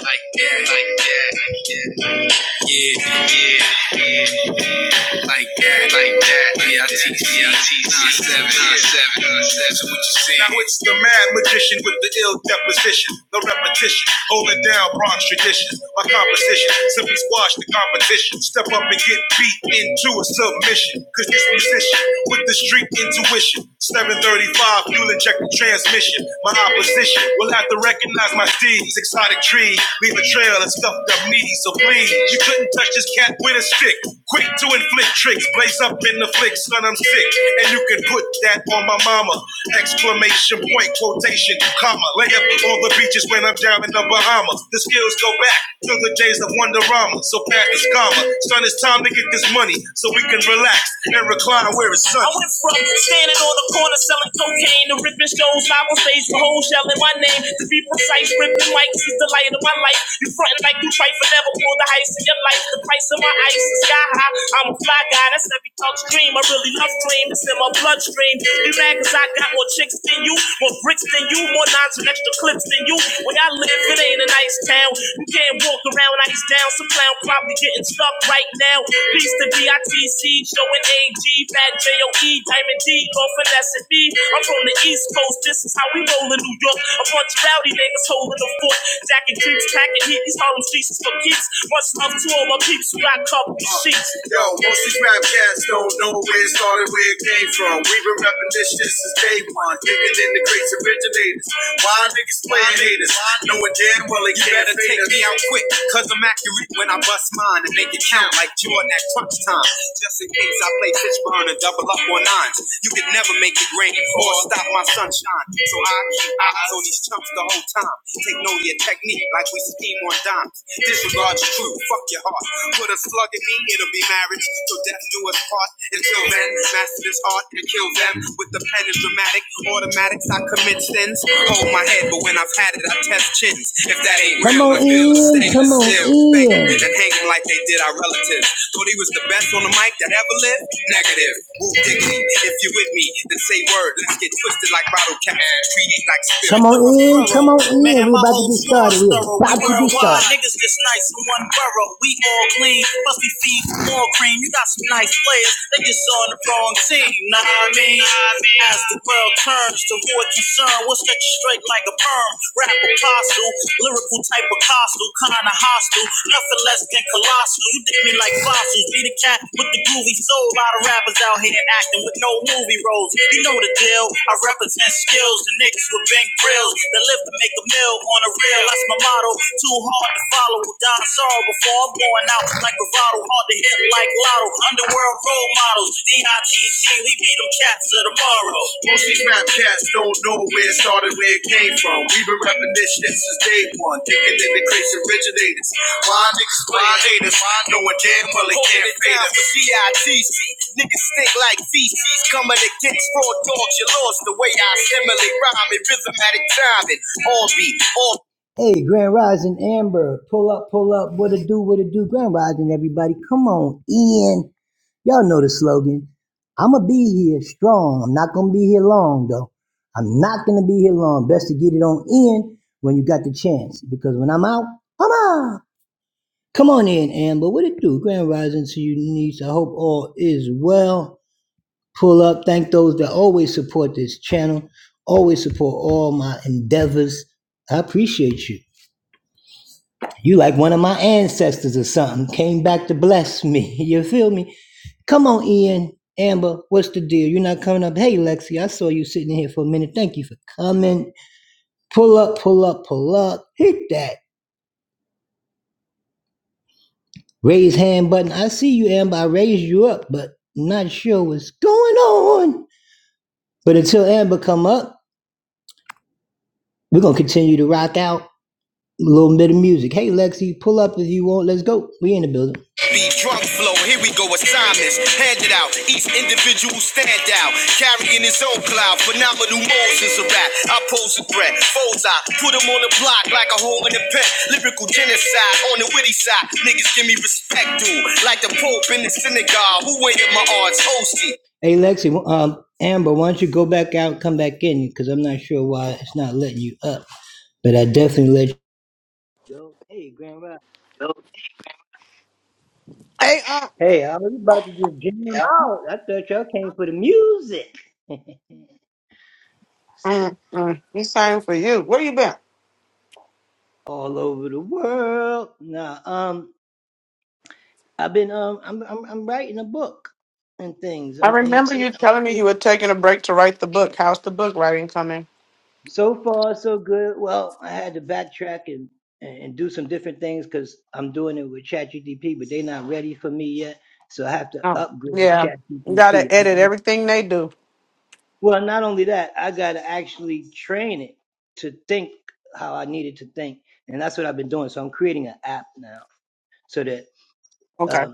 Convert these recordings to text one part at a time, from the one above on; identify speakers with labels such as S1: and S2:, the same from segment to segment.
S1: Like that, like that, yeah, yeah, like that, like that. BITC, C. Nine seven, nine seven, nine seven. So what you see? Now it's the mad magician with the ill deposition, the repetition, holding down Bronx tradition. My composition simply squash the competition. Step up and get beat into a submission. Cause this musician with the street intuition, 735 fuel inject the transmission. My opposition will have to recognize my D, exotic tree, leave a trail of stuffed up me. so please, you couldn't touch this cat with a stick. Quick to inflict tricks, blaze up in the flick, son, I'm sick, and you can put that on my mama. Exclamation point, quotation, comma, lay up on the beaches when I'm down in the Bahamas. The skills go back to the days of Wonderama, so pack this comma. Son, it's time to get this money so we can relax and recline where it's Sunday. I went from standing on the corner selling cocaine to ripping shows live on stage with hoes yelling my name. To be precise, ripping mics is the light of my life. You frontin' like you fight for never pull the heist in your life. The price of my ice is sky high. I'm a fly guy, that's every thug's dream. I really love cream, it's in my bloodstream. You mad cause I got more chicks than you, more bricks than you, more nines and extra clips than you. Where I live, it ain't a nice town. You can't and walk around like he's down some clown, probably getting stuck right now. Beast the DITC, showing AG, Fat J-O-E, Diamond D, go finesse and B. I'm from the East Coast, this is how we roll in New York. A bunch of rowdy niggas holding the fort. Jacking creeps, packing heat, these Harlem streets is for keeps. Much love to all my peeps, we got covered with sheets. Yo, most these rap cats don't know where it started, where it came from. We been repping this shit on, digging in the craters. Why niggas playing haters? man, well, it you better take me out quick, cause I'm accurate when I bust mine and make it count like Jordan at crunch time. Just in case I play Fishburne and double up on nines, you could never make it rain or stop my sunshine. So I keep eyes on these chumps the whole time. Take note of your technique like we Seymour Doms, disregard the truth, fuck your heart. Put a slug in me, it'll be marriage. Till death do us part. Until then, master this art and kill them with the pen is dramatic. Automatics, I commit sins. Hold my head, but when I've had it, I test chins. If that ain't Come real, on, it's ill. and hanging like they did our relatives. Thought he was the best on the mic that ever lived? Negative. Woo diggity. If you with me, then say word. Let's get twisted like bottle caps. Create like spirit. Y'all niggas just nice in one borough. We all clean. Must be feed for more cream. You got some nice players. They just on the wrong team. Nah, I mean, as the world turns toward you, son, we'll stretch you straight like a perm. Rap apostle, lyrical type of costume, kinda hostile. Nothing less than colossal. You did me like fossils, be the cat with the groovy soul. A lot of rappers out here acting with no movie roles. You know the deal. I represent skills, the niggas with big grills that live to make a mill on a reel. That's my motto. Too hard to follow. Die sorrow before I'm going out like bravado. Hard to hit like lotto. Underworld. Why niggas play? Why they probably can't pay them. C-I-T-C. Niggas stink like feces. Coming against raw dogs, you lost the way I assimilate rhyme and rhythmatic timing. All beat, all Be drunk, flow, here we go, assignments handed out. Each individual stand out, carrying his own cloud. Phenomenal modes is a rap. I pose a threat, foes I put him on the block like a hole in a pen. Lyrical genocide on the witty side. Niggas give me respect, dude. Like the Pope in the synagogue. Who ain't in my arts? Hosty.
S2: Hey, uh, mm-mm, it's time for you. Where you been? I remember you telling me you were taking a break to write the book. How's the book writing coming? Oh, yeah. You gotta edit everything they do. Okay.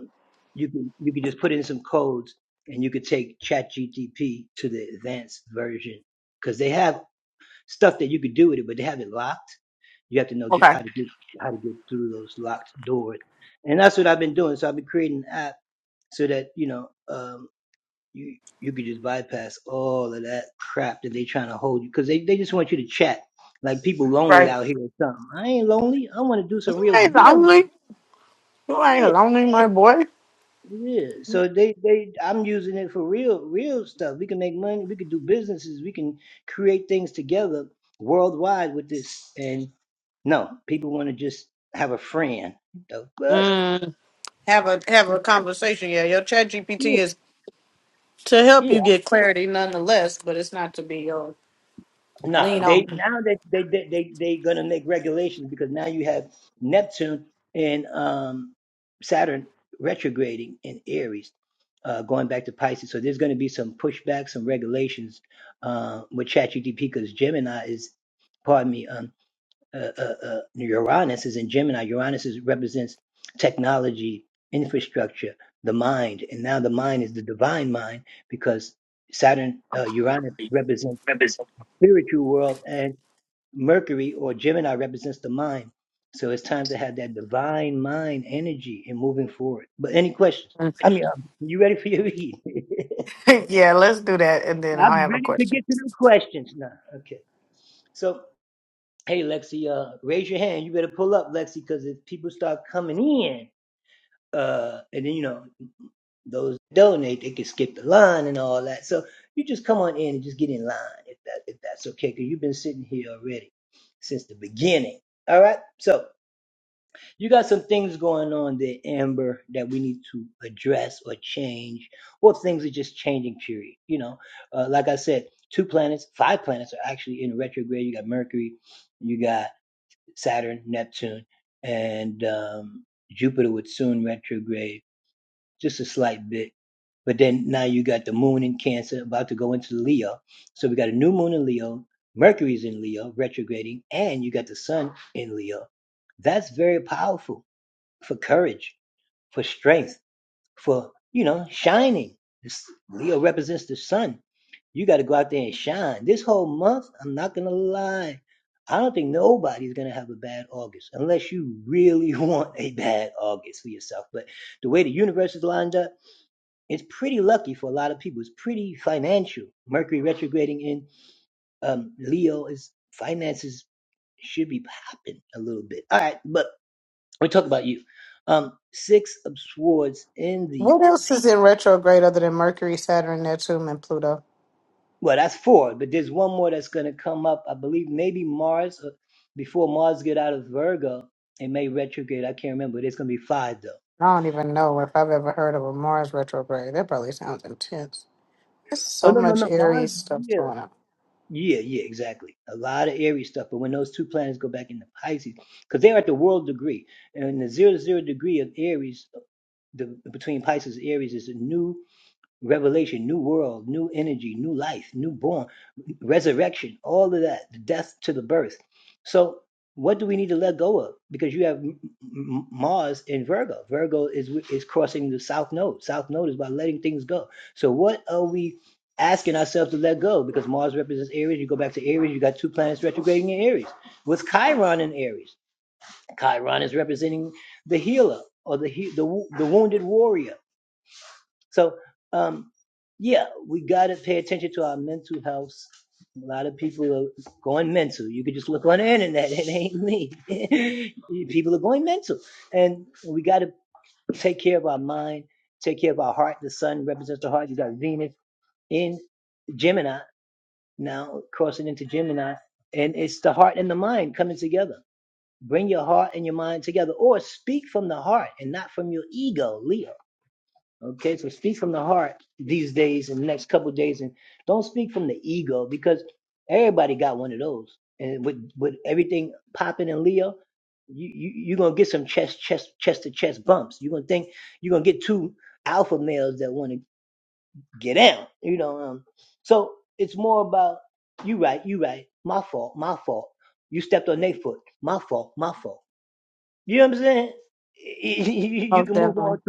S2: Okay. Right. You ain't lonely. You ain't lonely, my boy. Mm, have a have a conversation. Yeah, your chat GPT is to help you get clarity nonetheless, but it's not to be your lean on. yeah, let's do that and then I'll have a question. What else is in retrograde other than Mercury, Saturn, Neptune, and Pluto? I don't even know if I've ever heard of a Mars retrograde. That probably sounds intense. There's so much Aries stuff going on. Most definitely.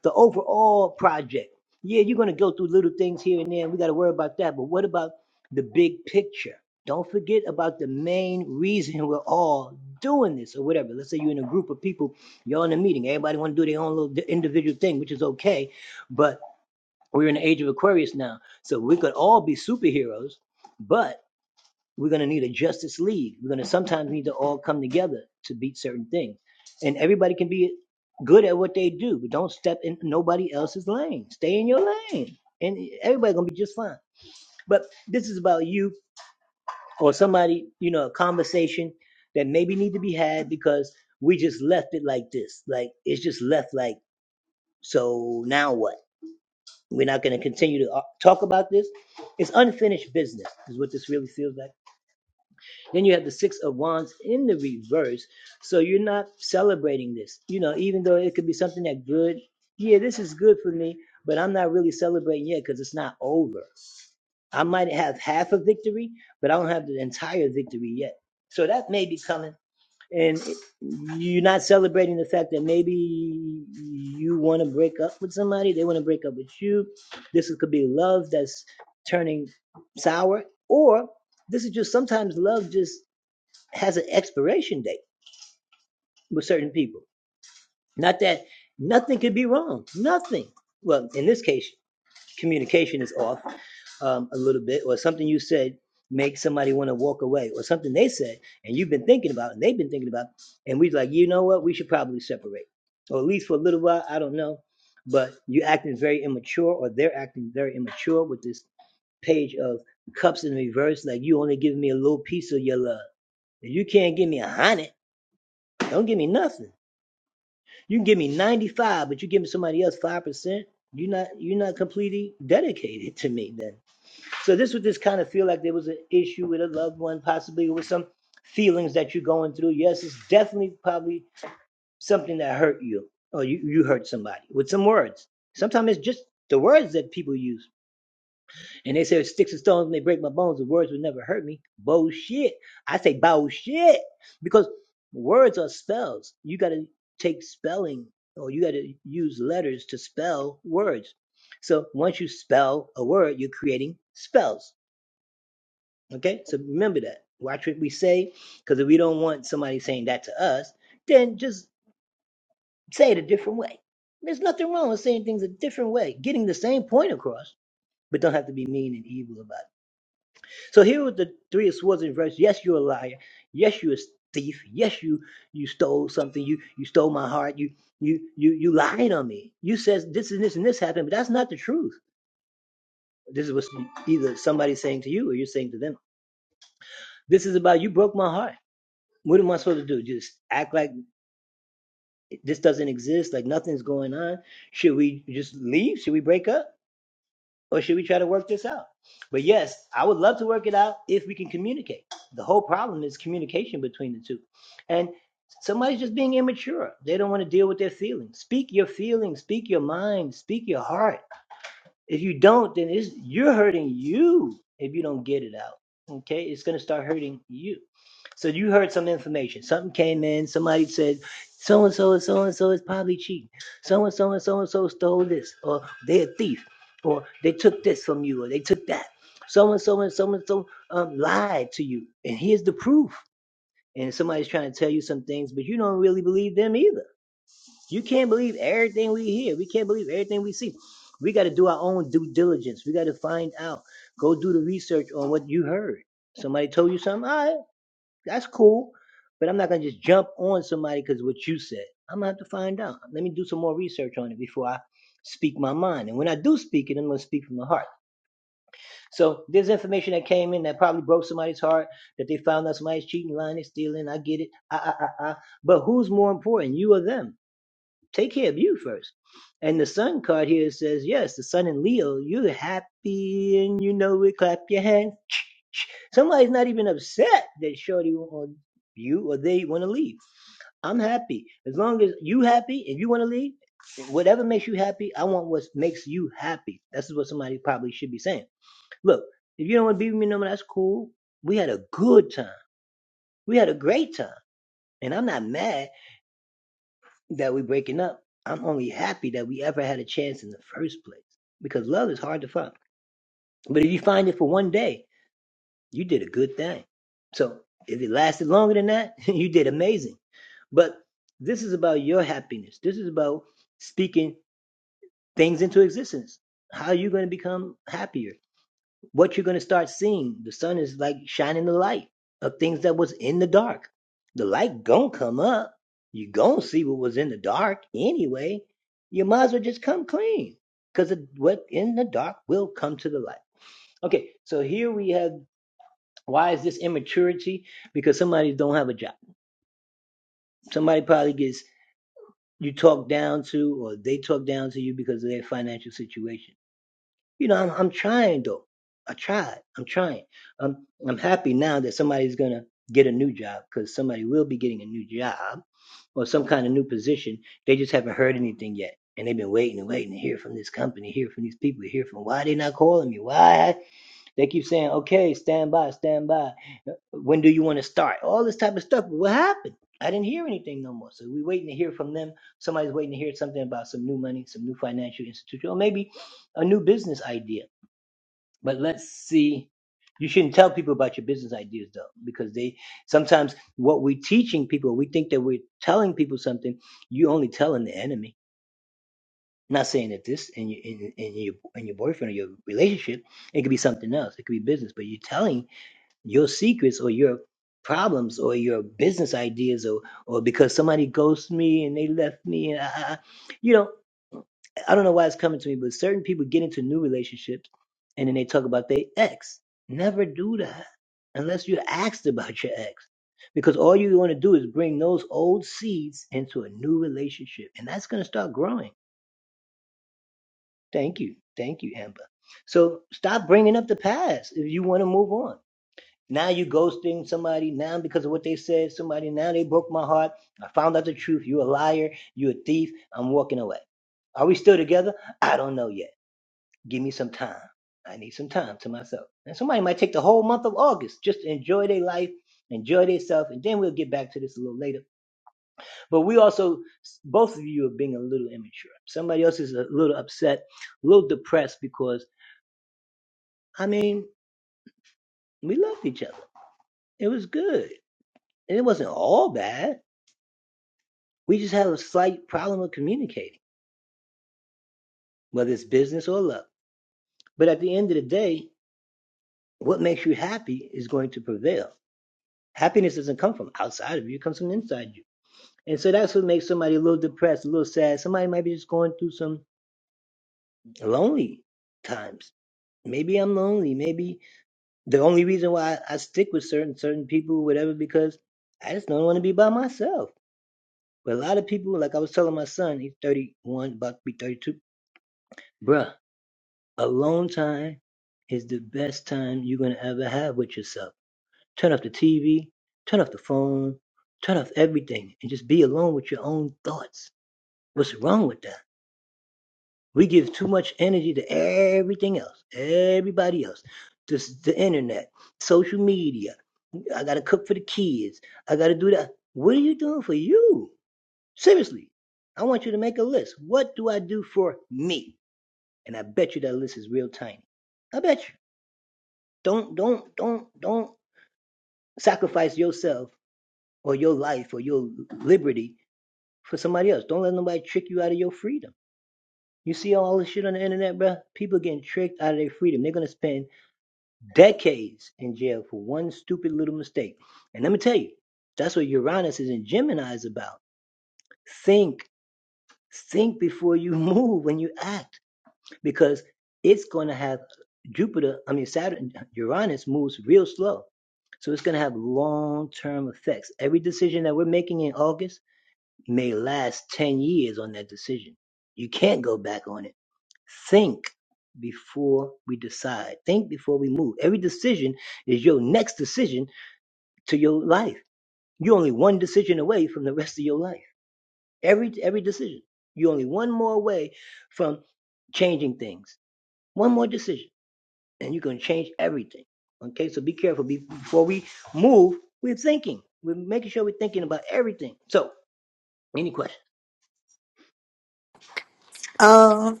S2: Um,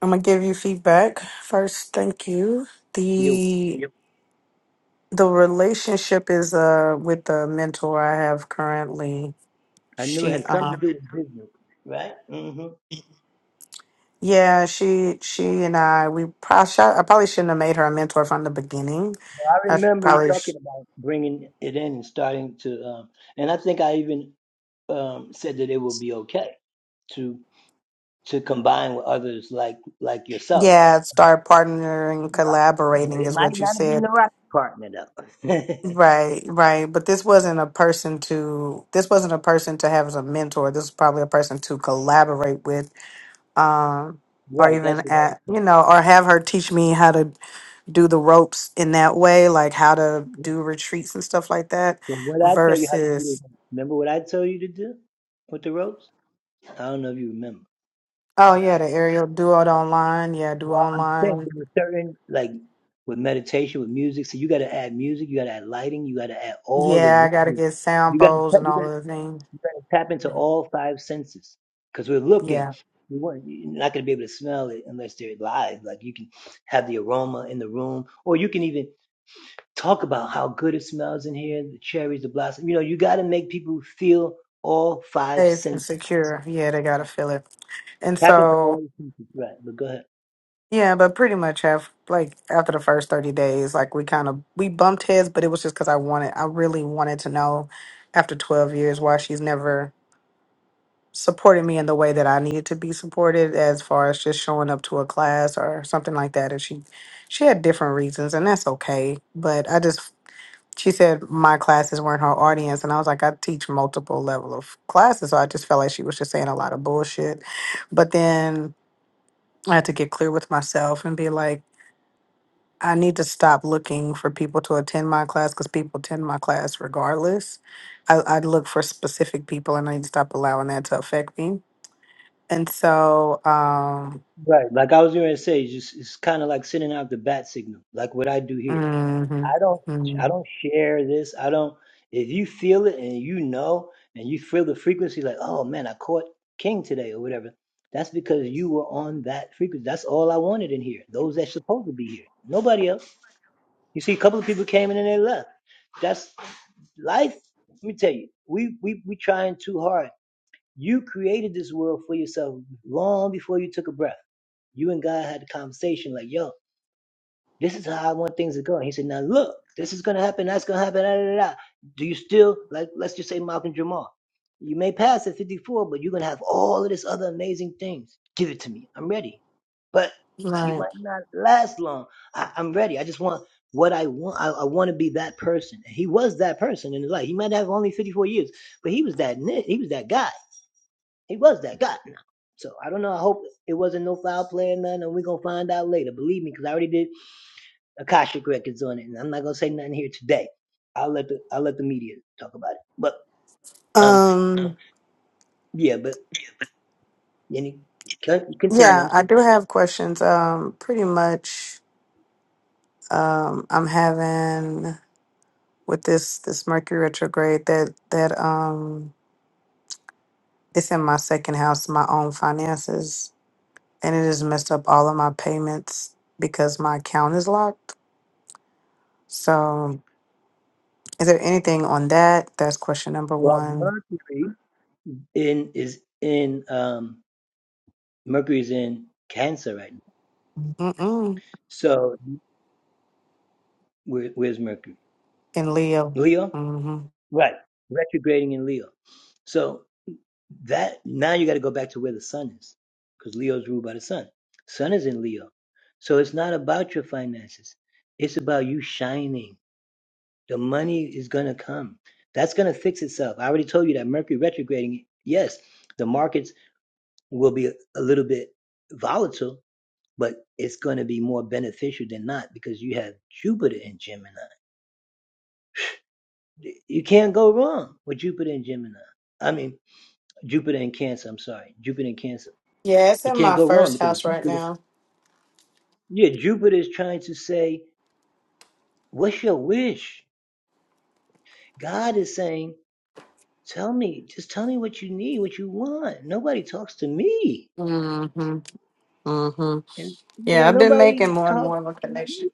S2: I'm gonna give you feedback first. Thank you. The Yep. the relationship is uh with the mentor I have currently. She um, Yeah, she she and I we probably I probably shouldn't have made her a mentor from the beginning. I sh- probably sh- yeah start partnering, collaborating is what you said. Right, right. But this wasn't a person to this wasn't a person to have as a mentor. This was probably a person to collaborate with, um, or even at you know, or have her teach me how to do the ropes in that way, like how to do retreats and stuff like that, versus Oh yeah, the aerial do it online. Yeah, do online. Yeah, I gotta get sound bowls and all of the things. Yeah, safe and secure. Yeah, they gotta feel it. And so yeah, but pretty much have like after the first thirty days, like we kind of we bumped heads, but it was just because I wanted, I really wanted to know after twelve years why she's never supported me in the way that I needed to be supported, as far as just showing up to a class or something like that. If she she had different reasons, and that's okay. But I just she said my classes weren't her audience and i was like i teach multiple level of classes so i just felt like she was just saying a lot of bullshit but then i had to get clear with myself and be like i need to stop looking for people to attend my class because people attend my class regardless I, I look for specific people and i need to stop allowing that to affect me and so um mhm, mhm. right um yeah i do have questions um pretty much Um, I'm having with this this Mercury retrograde that that um it's in my second house, my own finances, and it has messed up all of my payments because my account is locked. So, is there anything on that? That's question number one. Mm-mm. In Leo. Mm-hmm. Yeah, it's in my first house right now. Mm-hmm. Mm-hmm. Yeah, I've been making more and more of a connection.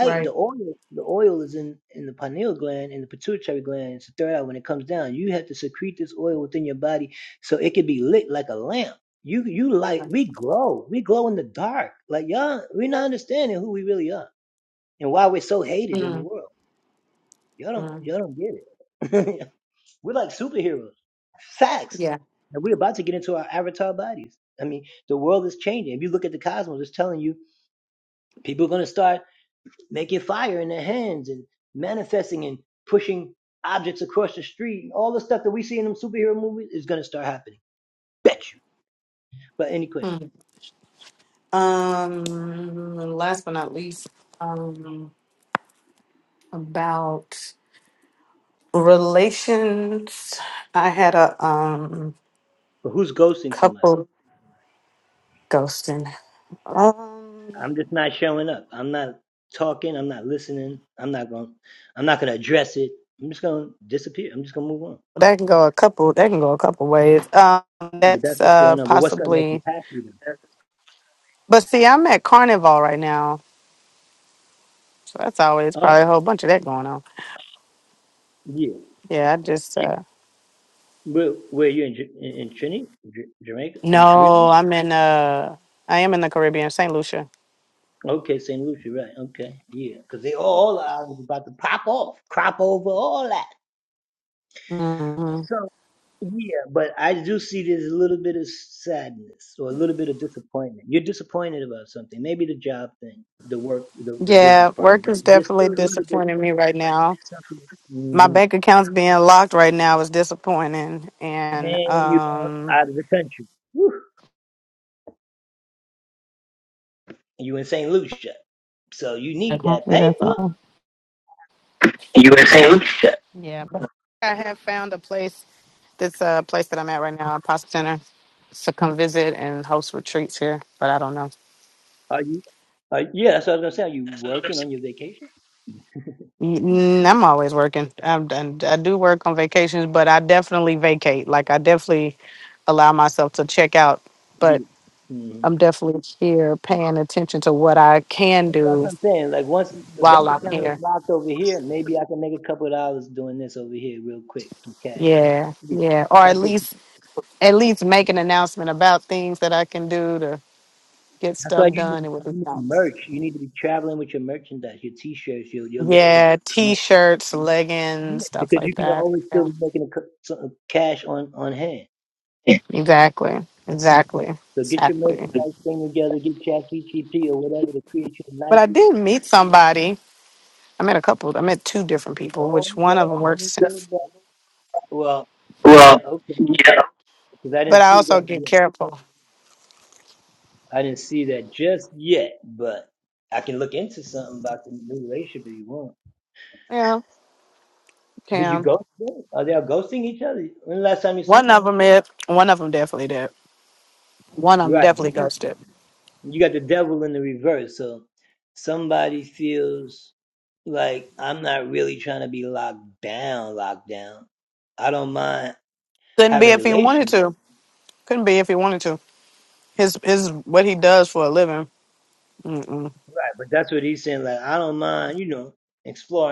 S2: Right. Mm-hmm. Yeah. Hmm. Um, last but not least, um, about relations. I had a um couple ghosting. Um, that can go a couple. That can go a couple ways. Um, that's uh possibly. But see, I'm at Carnival right now, so that's always probably a whole bunch of that going on. Yeah, I just uh no, I'm in uh I am in the Caribbean, Saint Lucia. hmm Yeah, work is definitely disappointing me right now. my bank account's being locked right now is disappointing and um Like, hopefully that's all. yeah but i have found a place this uh place that i'm at right now apostle center to come visit and host retreats here but i don't know Mm, i'm always working I'm, done- i do work on vacations but i definitely vacate like i definitely allow myself to check out but i'm definitely here paying attention to what i can do while i'm here yeah yeah or at least at least make an announcement about things that I can do to get stuff done. It would be nice. Yeah, t-shirts, leggings, stuff like that. Yeah, exactly, exactly, exactly. But I did meet somebody. I met a couple. I met two different people, which one of them works. Well, yeah. But I also get careful. Yeah, Cam. One of them it. One of them definitely did. One of them definitely ghosted. Couldn't be if he wanted to. Couldn't be if he wanted to. His his what he does for a living. Mm-mm.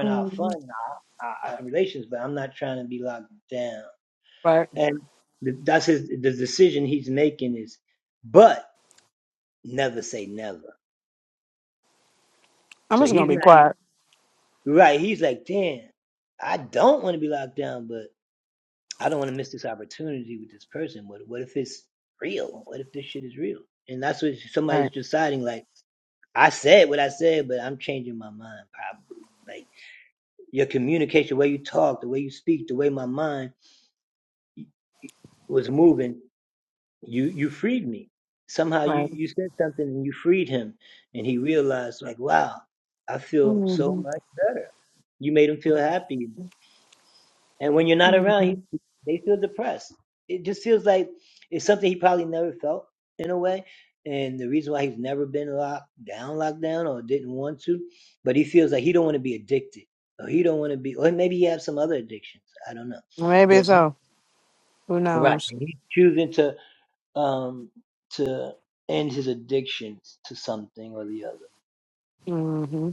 S2: Mhm. Right. I'm just gonna be quiet. Right. Right. hmm hmm Maybe so. Who knows? hmm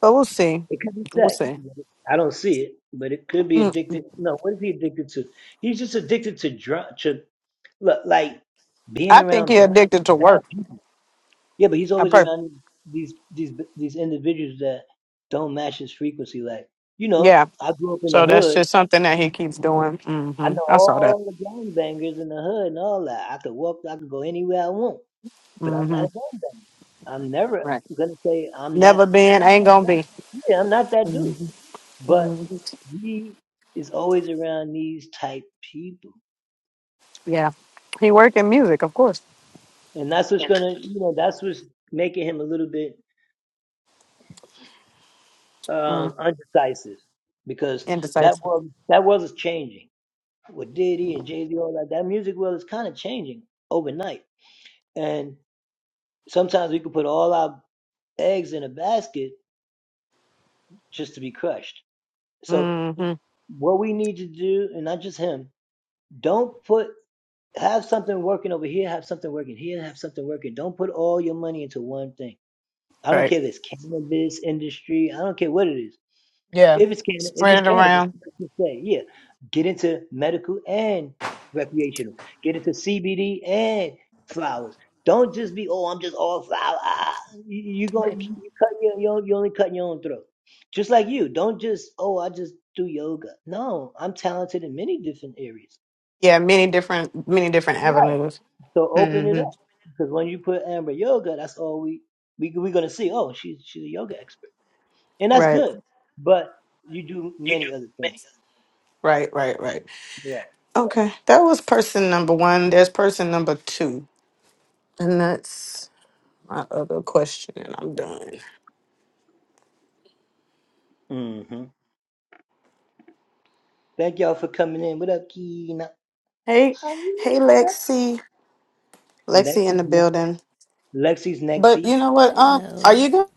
S2: But we'll see. We'll see. Mm. I think he addicted to work. I per- yeah. So that's just something that he keeps doing. hmm I saw that. hmm Right. Never been, ain't gonna be. hmm hmm Yeah. He work in music, of course. Mm. Indecisive. hmm Right. Yeah. Spread it around. Yeah, many different many different avenues. hmm Right. You do. Many. Right, right, right. Okay. That was person number one. There's person number two. And that's my other question, and I'm done. Hey, hey Lexi. Lexi in the building. But you know what? Um, are
S3: Hello.
S2: you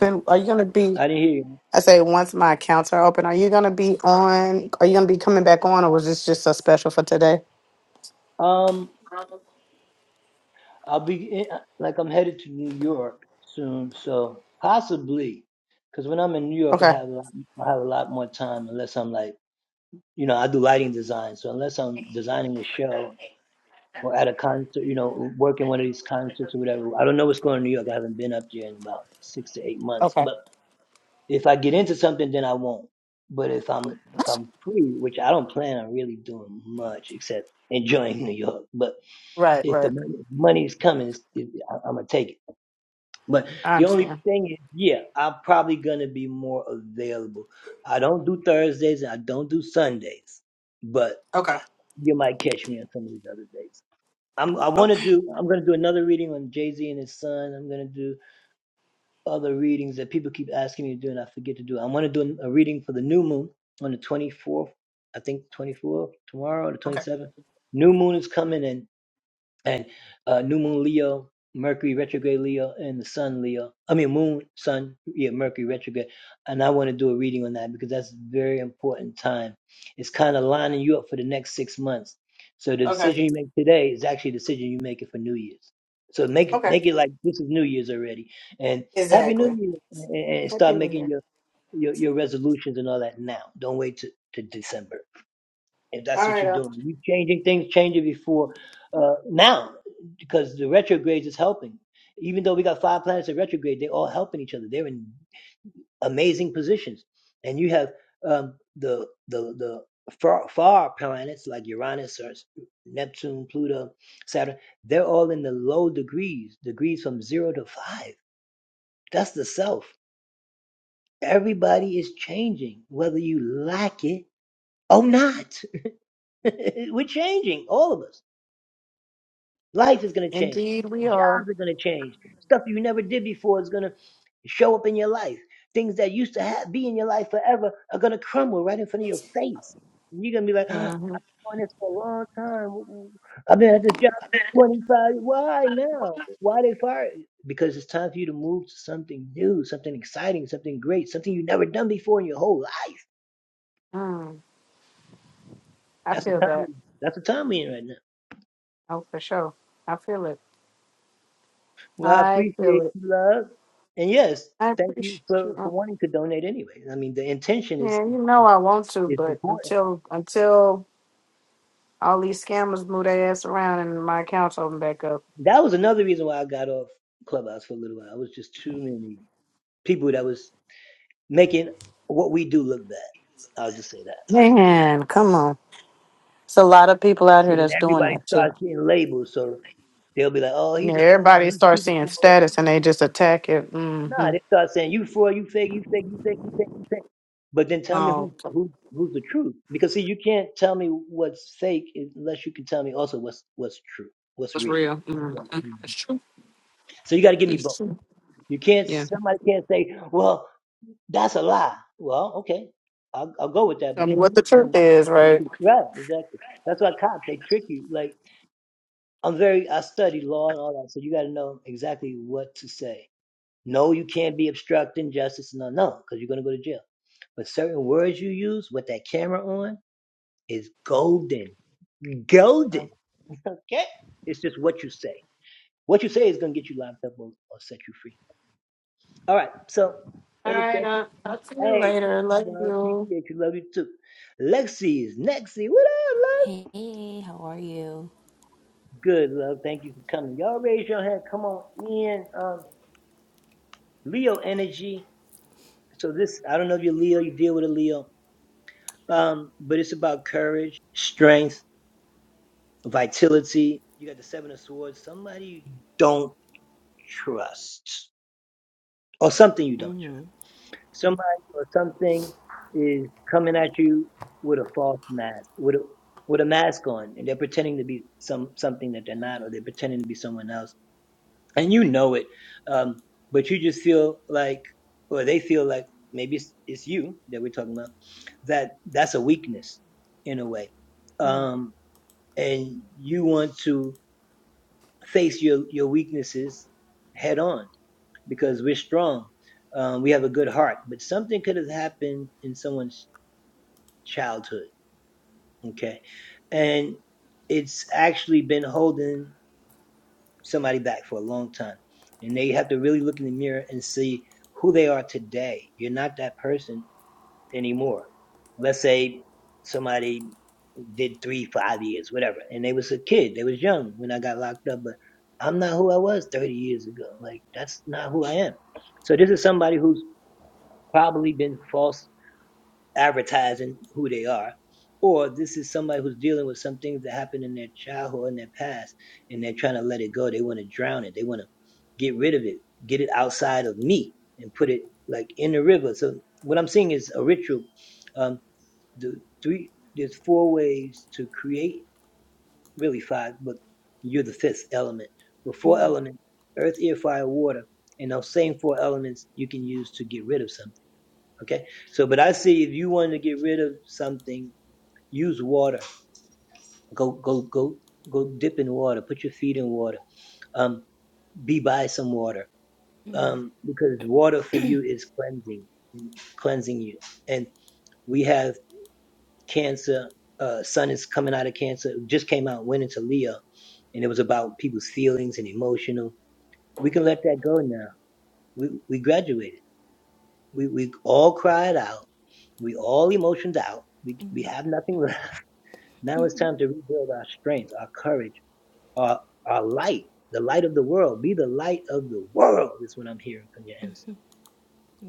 S2: gonna are you gonna be I say once my accounts are open, are you gonna be on are you gonna be coming back on or was this just a special for today? Okay. Okay. Right, right, I understand. Okay. Okay. Okay. Okay. Okay. Exactly. Happy New Year. All right. Uh, Indeed, we are. hmm Mm. I feel that. Oh, for sure. I feel it. I feel it. I appreciate you. Uh, Yeah, you know I want to, but until until all these scammers move their ass around and my account's open back up. Man, come on. It's a lot of people out here that's doing that too. Yeah, everybody starts seeing status and they just attack it. hmm Oh, was real. Mhm. That's true. It's true. Yeah. Tell me what the truth is, right? All right, I'll I'll see you later. Love you.
S3: Hey, how are you? Mhm.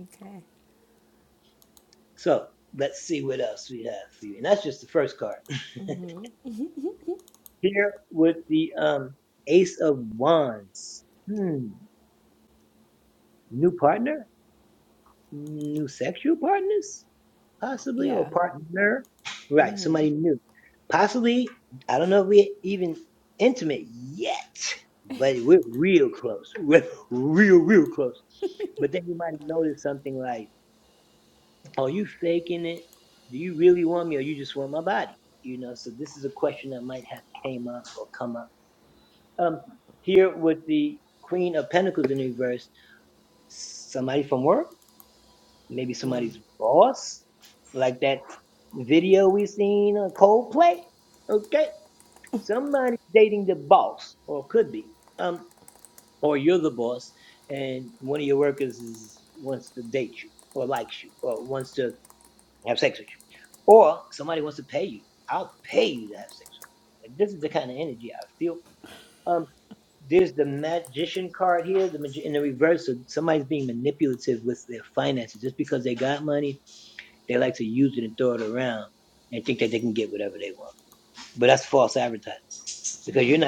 S3: Okay. Yeah. Mhm.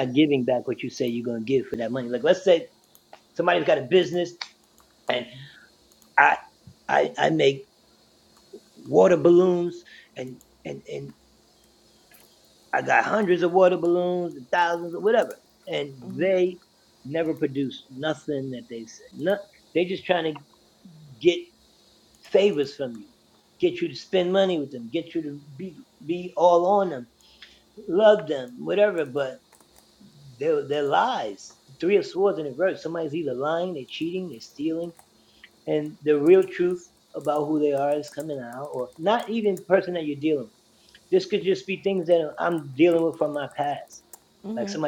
S3: Mhm.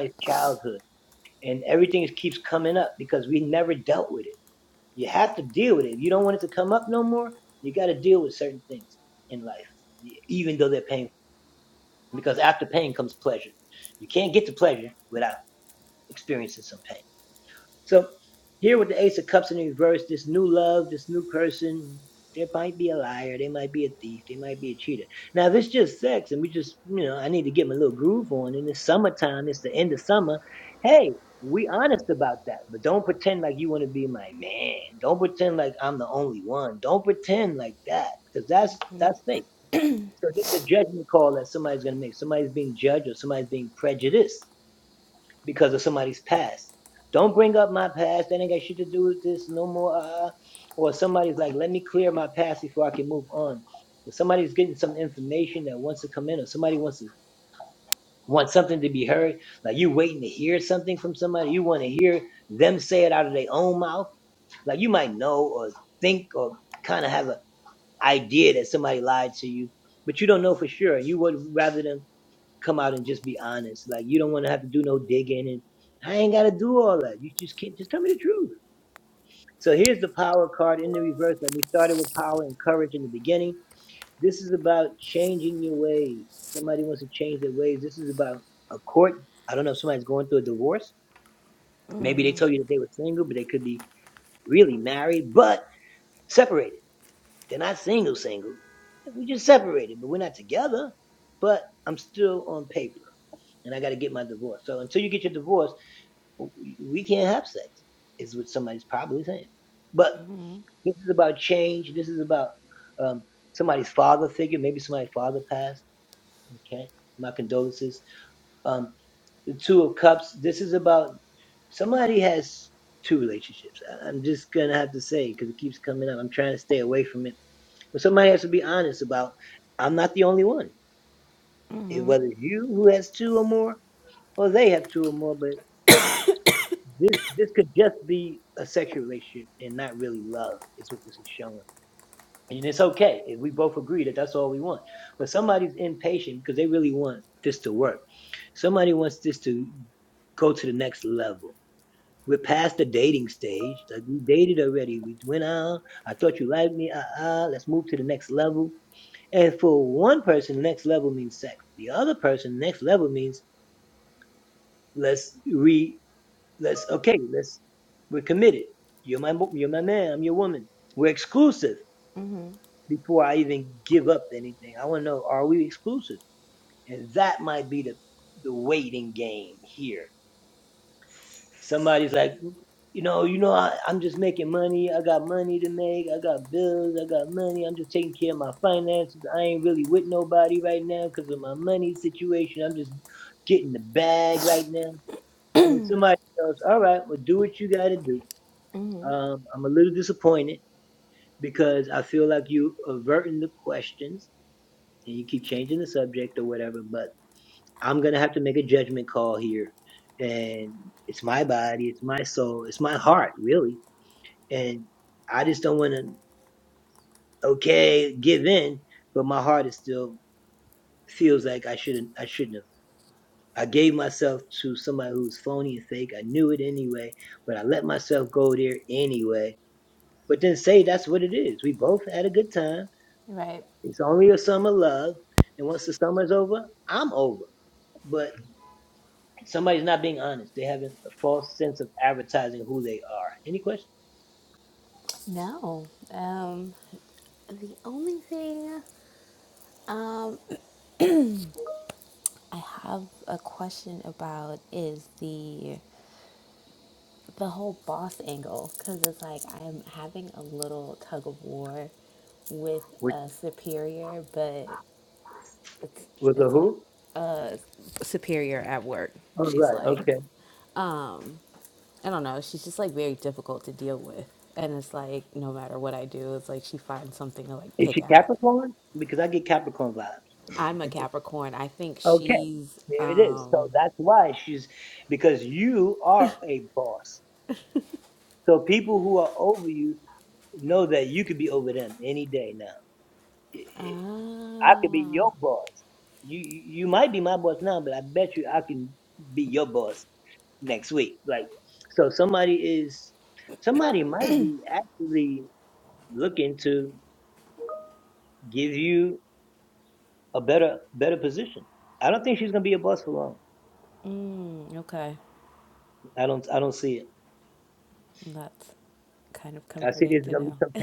S3: Right. No. Um the only thing um I have a question about is the the whole boss angle cuz it's like I'm having a little tug of war with a superior, but it's it's like superior at work. She's like, um, I don't know. She's just like very difficult to deal with. And it's like no matter what I do, it's like she finds something to like pick at. I'm a Capricorn. I think she's um ah mm, okay. That's kind of comforting to know.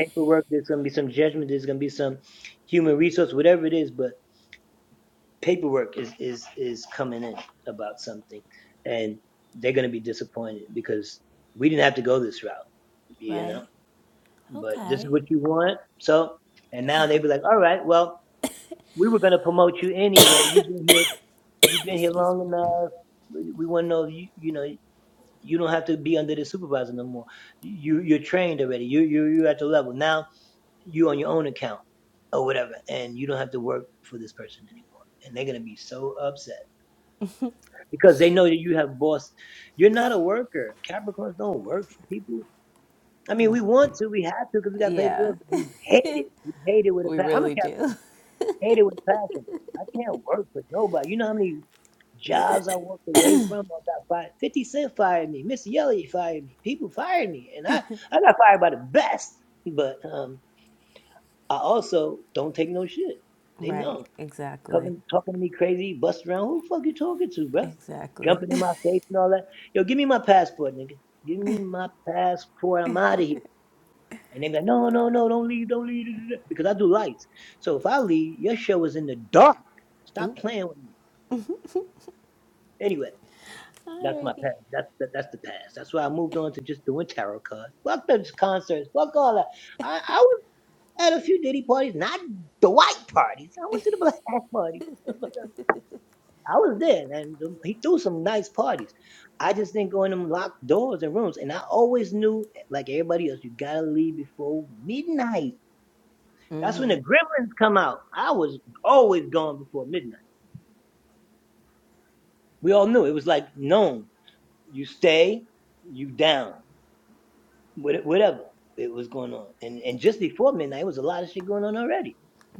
S3: Right? Okay. Excuse me. No. Yeah. We really do. Right. Exactly. Exactly. Oop. Alrighty.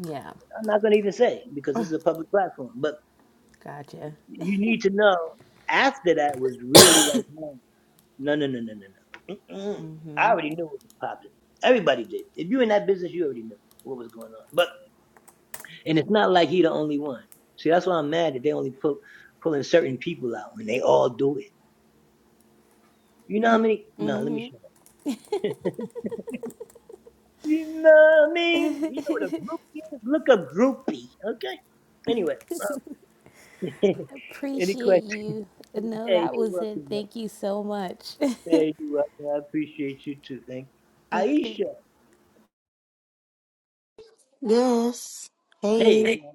S3: Yeah. Gotcha. Mm-hmm. Mm-hmm. Appreciate you. No, that was it. Thank you so much. Okay.
S4: Yes. Hey.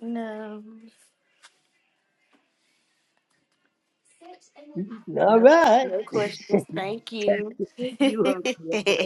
S4: No, no, no questions. Thank you.